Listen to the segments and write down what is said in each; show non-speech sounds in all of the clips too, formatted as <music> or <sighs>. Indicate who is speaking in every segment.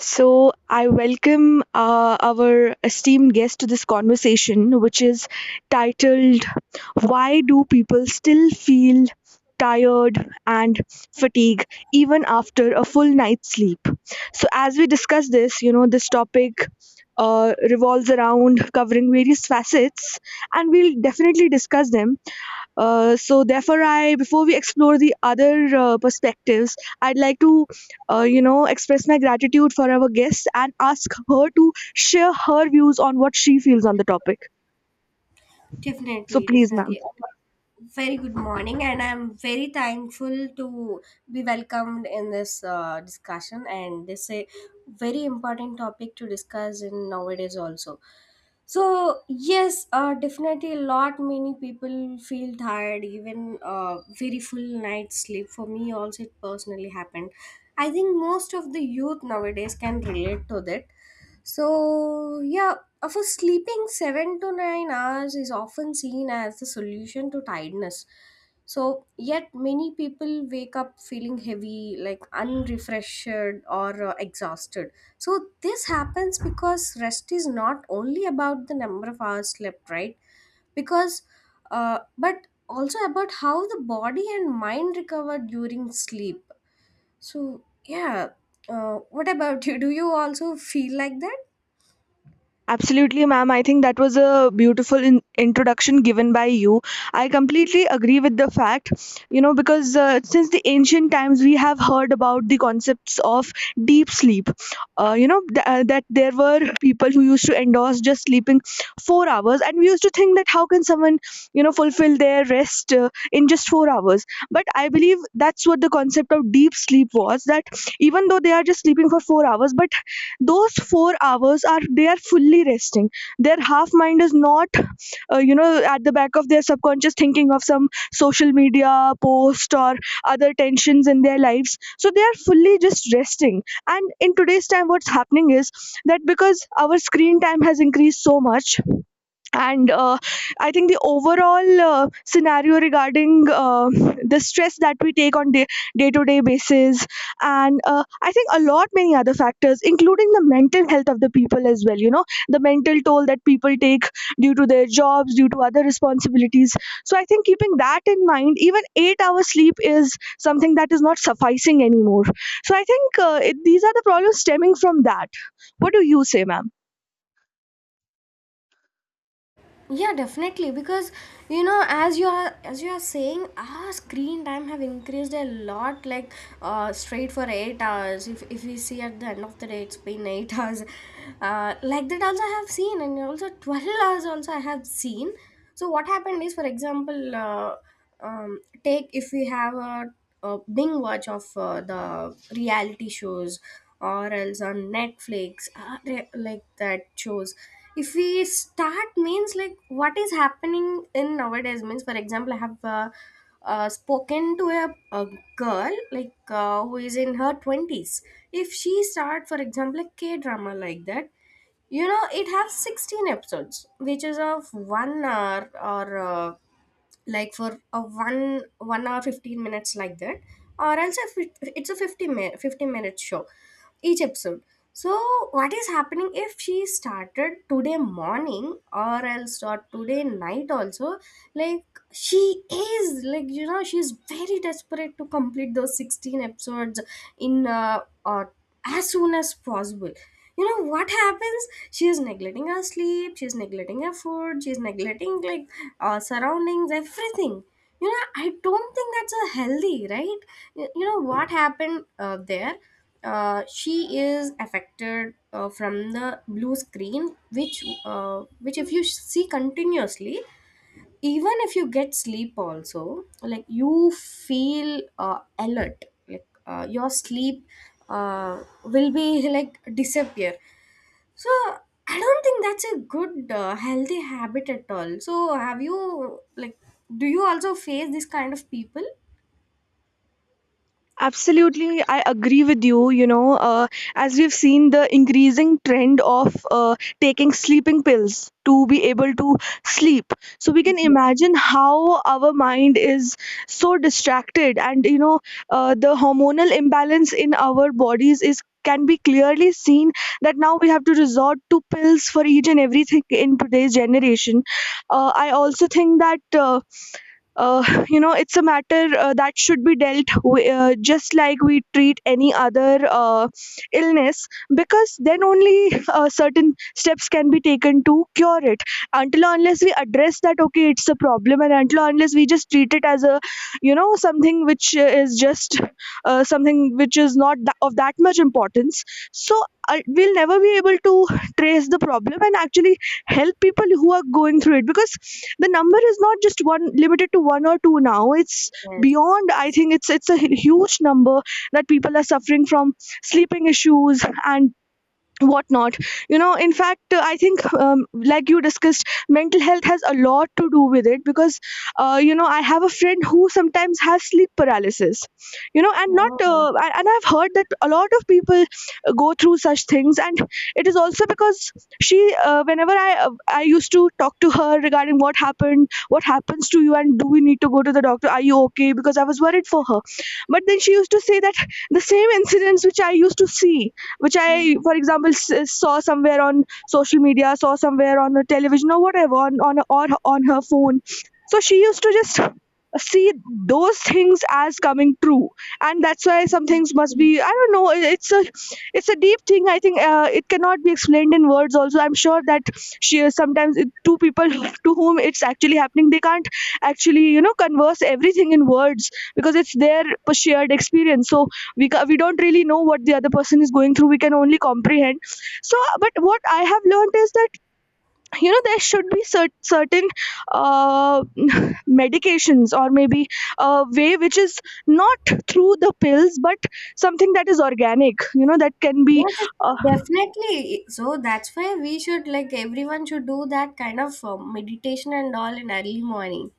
Speaker 1: So, I welcome our esteemed guest to this conversation, which is titled "Why Do People Still Feel Tired and Fatigue Even After a Full Night's Sleep?" So, as we discuss this topic, revolves around covering various facets, and we'll definitely discuss them. So therefore, I before we explore the other perspectives, I'd like to express my gratitude for our guest and ask her to share her views on what she feels on the topic. So
Speaker 2: Definitely,
Speaker 1: please, ma'am.
Speaker 2: definitely. Very good morning, and I'm very thankful to be welcomed in this discussion. And this is a very important topic to discuss in nowadays also. So yes, definitely a lot many people feel tired, even very full night sleep. For me, also it personally happened. I think most of the youth nowadays can relate to that. So yeah, for sleeping 7 to 9 hours is often seen as the solution to tiredness. So, yet many people wake up feeling heavy, like unrefreshed or exhausted. So, this happens because rest is not only about the number of hours slept, right? Because, but also about how the body and mind recover during sleep. So, yeah, what about you? Do you also feel like that?
Speaker 1: Absolutely, ma'am. I think that was a beautiful introduction given by you. I completely agree with the fact, because since the ancient times we have heard about the concepts of deep sleep. That there were people who used to endorse just sleeping 4 hours, and we used to think that how can someone, fulfill their rest in just 4 hours? But I believe that's what the concept of deep sleep was, that even though they are just sleeping for 4 hours, but those 4 hours are they are fully resting. Their half mind is not at the back of their subconscious, thinking of some social media post or other tensions in their lives, so they are fully just resting. And in today's time what's happening is that because our screen time has increased so much, and I think the overall scenario regarding the stress that we take on day to day basis, and I think a lot many other factors including the mental health of the people as well, you know, the mental toll that people take due to their jobs, due to other responsibilities. So I think, keeping that in mind, even 8-hour sleep is something that is not sufficing anymore. So I think these are the problems stemming from that. What do you say, ma'am?
Speaker 2: Yeah, definitely. Because you know, as you are saying, our screen time have increased a lot. Like straight for 8 hours, if we see at the end of the day, it's been eight <laughs> hours. Like that also I have seen, and also 12 <laughs> hours also I have seen. So what happened is, for example, take if we have a bing watch of the reality shows or else on Netflix, like that shows. If we start, means, like what is happening in nowadays, means for example, I have spoken to a girl, like who is in her 20s. If she start, for example, a K drama like that, you know, it has 16 episodes which is of 1 hour, or like for a one one hour 15 minutes like that, or else if it's a 50 minute 50-minute show each episode. So what is happening, if she started today morning or else or today night also, like, she is, like, you know, she's very desperate to complete those 16 episodes in as soon as possible. You know what happens, she is neglecting her sleep, she is neglecting her food, she is neglecting, like, surroundings, everything. You know, I don't think that's a healthy, right? You know what happened there, she is affected from the blue screen, which if you see continuously, even if you get sleep also, like you feel alert, like your sleep will be like disappear. So I don't think that's a good healthy habit at all. So have you, like, do you also face this kind of people?
Speaker 1: Absolutely, I agree with you. As we've seen, the increasing trend of taking sleeping pills to be able to sleep. So we can imagine
Speaker 2: Yes,
Speaker 1: how our mind is so distracted, and the hormonal imbalance in our bodies is can be clearly seen, that now we have to resort to pills for each and everything in today's generation. I also think that. <laughs> <sighs> It's a matter that should be dealt just like we treat any other illness, because then only certain steps can be taken to cure it. Until or unless we address that okay, it's a problem, and until or unless we just treat it as a, something which is just something which is not of that much importance, so we'll never be able to trace the problem and actually help people who are going through it, because the number is not just one, limited to one or two. Now it's
Speaker 2: yes,
Speaker 1: beyond, I
Speaker 2: yes.
Speaker 1: think. It's a huge number that people are suffering from, sleeping issues and whatnot. In fact, I think, like you discussed, mental health has a lot to do with it. Because I have a friend who sometimes has sleep paralysis, you know, and not
Speaker 2: Oh,
Speaker 1: and I've heard that a lot of people go through such things. And it is also because she whenever I used to talk to her regarding what happened, what happens to you, and do we need to go to the doctor, are you okay, because I was worried for her. But then she used to say that the same incidents which I used to see, which I, for example, saw somewhere on social media, saw somewhere on a television or whatever, on or on her phone. So she used to just <laughs> see those things as coming true, and that's why some things must
Speaker 2: yes,
Speaker 1: be. I don't know. It's a deep thing. I think it cannot be explained in words. Also, I'm sure that two people <laughs> to whom it's actually happening, they can't actually, converse everything in words, because it's their shared experience. So we don't really know what the other person is going through. We can only comprehend. So but what I have learned is that, there should be certain uh, <laughs> medications or maybe a way which is not through the pills, but something that is organic, that can be
Speaker 2: yes, definitely. So that's why we should, like, everyone should do that kind of meditation and all in early morning.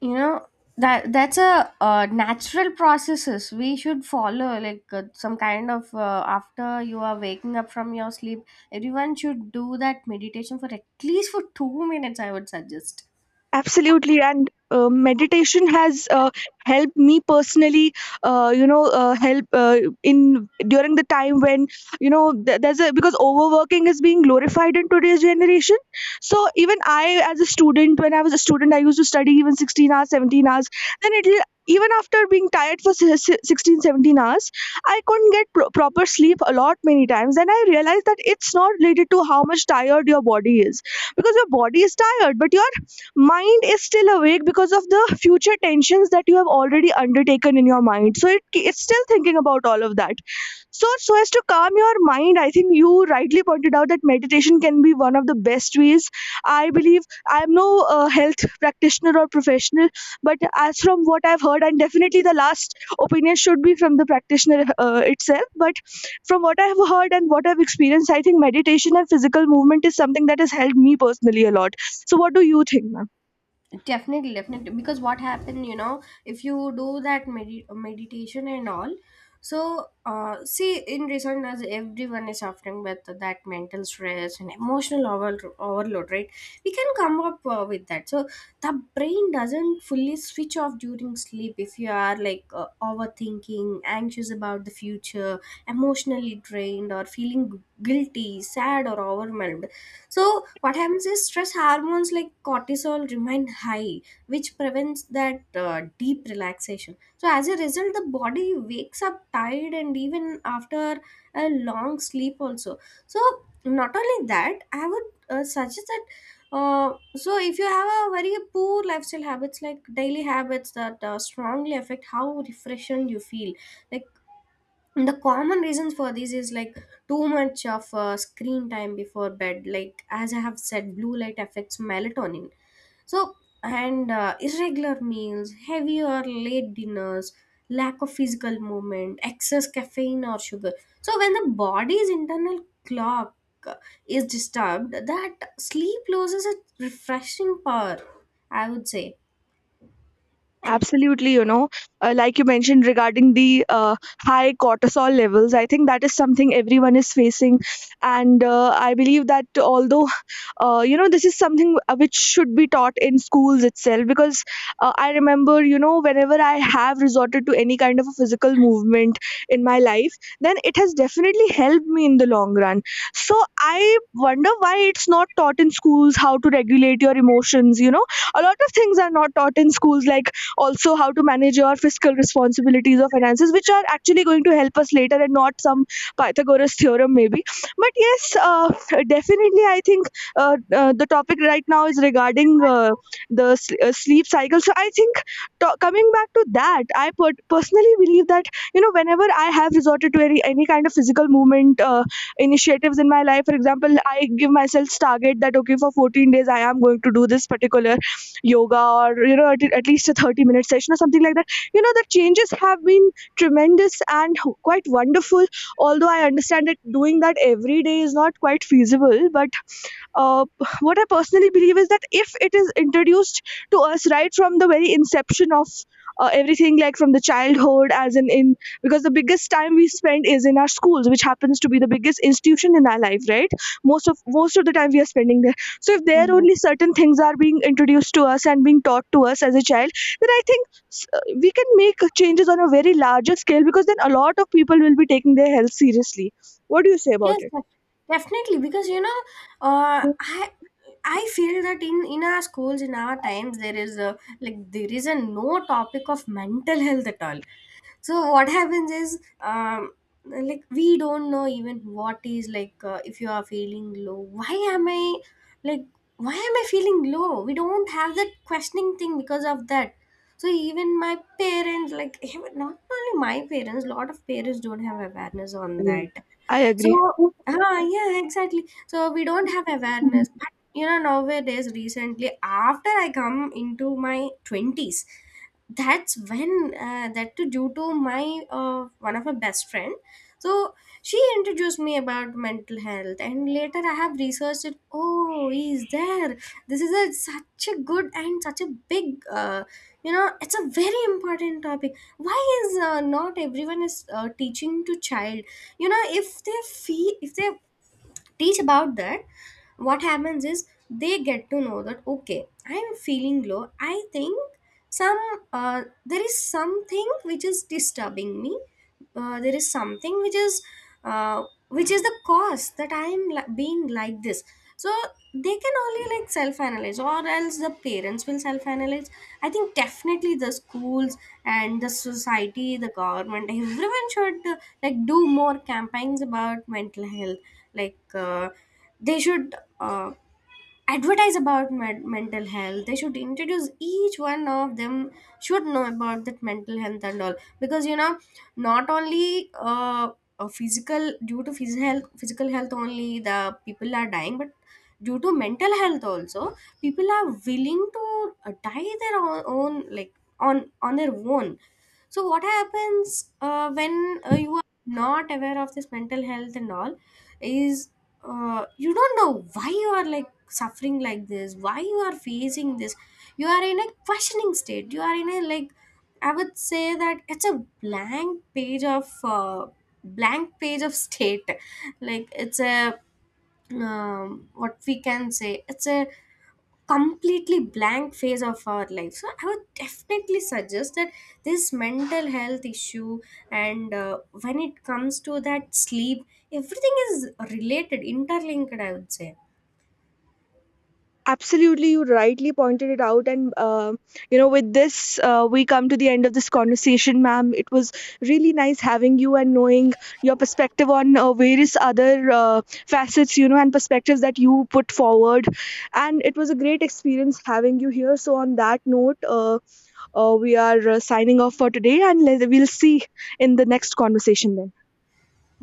Speaker 2: You know, that that's a natural processes we should follow, like some kind of after you are waking up from your sleep, everyone should do that meditation for at least for 2 minutes, I would suggest.
Speaker 1: Absolutely, and meditation has helped me personally. Help in during the time when, there's a because overworking is being glorified in today's generation. So even I, when I was a student, I used to study even 16 hours, 17 hours. Then it will even after being tired for 16 17 hours, I couldn't get proper sleep a lot many times. And I realized that it's not related to how much tired your body is, because your body is tired but your mind is still awake, because of the future tensions that you have already undertaken in your mind. So it's still thinking about all of that. So as to calm your mind, I think you rightly pointed out that meditation can be one of the best ways. I believe I am no health practitioner or professional, but as from what I've heard, and definitely the last opinion should be from the practitioner itself. But from what I've heard and what I've experienced, I think meditation and physical movement is something that has helped me personally a lot. So what do you think, ma'am?
Speaker 2: Definitely, definitely. Because what happened, you know, if you do that meditation and all, so see, in recent years, everyone is suffering with that mental stress and emotional overload, right? We can come up with that. So the brain doesn't fully switch off during sleep if you are like overthinking, anxious about the future, emotionally drained, or feeling guilty, sad, or overwhelmed. So what happens is, stress hormones like cortisol remain high, which prevents that deep relaxation. So as a result, the body wakes up tired, and even after a long sleep also. So not only that, I would suggest that. So if you have a very poor lifestyle habits, like daily habits that strongly affect how refreshed you feel, like the common reasons for this is like too much of screen time before bed, like as I have said, blue light affects melatonin. So, and irregular meals, heavy or late dinners, lack of physical movement, excess caffeine or sugar. So when the body's internal clock uh, is disturbed, that sleep loses its refreshing power, I would say.
Speaker 1: Absolutely, like you mentioned regarding the high cortisol levels, I think that is something everyone is facing. And I believe that, although, this is something which should be taught in schools itself, because I remember, whenever I have resorted to any kind of a physical movement in my life, then it has definitely helped me in the long run. So I wonder why it's not taught in schools how to regulate your emotions. A lot of things are not taught in schools, like also how to manage your fiscal responsibilities or finances, which are actually going to help us later, and not some Pythagoras theorem maybe. But yes, definitely I think uh, the topic right now is regarding the sleep cycle. So I think, coming back to that, I personally believe that, whenever I have resorted to any kind of physical movement initiatives in my life, for example, I give myself target that okay, for 14 days I am going to do this particular yoga, or you know, at least a 30-minute session or something like that. The changes have been tremendous and quite wonderful. Although I understand that doing that every day is not quite feasible, but uh, what I personally believe is that if it is introduced to us right from the very inception of everything, like from the childhood, as in because the biggest time we spend is in our schools, which happens to be the biggest institution in our life, right? Most of the time we are spending there. So if there only certain things are being introduced to us and being taught to us as a child, then I think, we can make changes on a very larger scale, because then a lot of people will be taking their health seriously. What do you say about
Speaker 2: Yes,
Speaker 1: it?
Speaker 2: def- Definitely. Because you know, uh, I I feel that in our schools, in our times, there is a, like, there is a no topic of mental health at all. So what happens is, like, we don't know even what is like. If you are feeling low, why am I, like, why am I feeling low? We don't have that questioning thing because of that. So even my parents, like, even not only my parents, lot of parents don't have awareness on that.
Speaker 1: I agree.
Speaker 2: So yeah, exactly. So we don't have awareness. But you know, nowadays, recently, after I come into my 20s, that's when, that too due to my one of my best friend. So she introduced me about mental health, and later I have researched it. Oh, is there, this is a such a good and such a big you know, it's a very important topic. Why is not everyone is teaching to child? You know, if they feel, if they teach about that, what happens is, they get to know that, okay, I'm feeling low. I think some, there is something which is disturbing me, there is something uh, which is the cause that I am being like this. So they can only, like, self analyze, or else the parents will self analyze. I think definitely the schools and the society, the government <laughs> everyone should like, do more campaigns about mental health. Like they should advertise about mental health. They should introduce each one of them, should know about that mental health and all. Because you know, not only physical, due to physical health only the people are dying, but due to mental health also, people are willing to die their own, like, on their own. So what happens when you are not aware of this mental health and all is, you don't know why you are like suffering like this, why you are facing this. You are in a questioning state, you are in a like, I would say that it's a blank page of state, like it's a, what we can say, it's a completely blank phase of our life. So I would definitely suggest that this mental health issue and when it comes to that sleep, everything is related, interlinked, I would say.
Speaker 1: Absolutely, you rightly pointed it out. And with this, we come to the end of this conversation, ma'am. It was really nice having you and knowing your perspective on various other facets, and perspectives that you put forward. And it was a great experience having you here. So, on that note, we are signing off for today, and we'll see in the next conversation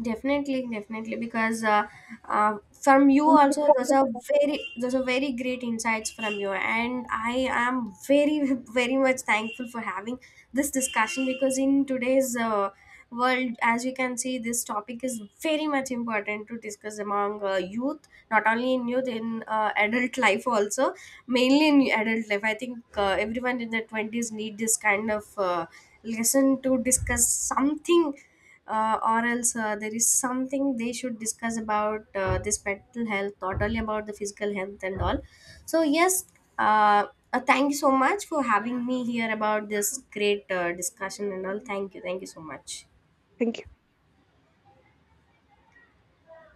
Speaker 2: Definitely, definitely. Because from you
Speaker 1: then.
Speaker 2: also there's a very great insights from you, and I am very <laughs> very much thankful for having this discussion. Because in today's world, as you can see, this topic is very much important to discuss among youth, not only in youth, in adult life also, mainly in adult life. I think everyone in their twenties need this kind of lesson to discuss something, or else there is something they should discuss about this mental health, not only about the physical health and all. So yes, uh, thank you so much for having me here about this great discussion and all. Thank you, thank you so much.
Speaker 1: Thank you.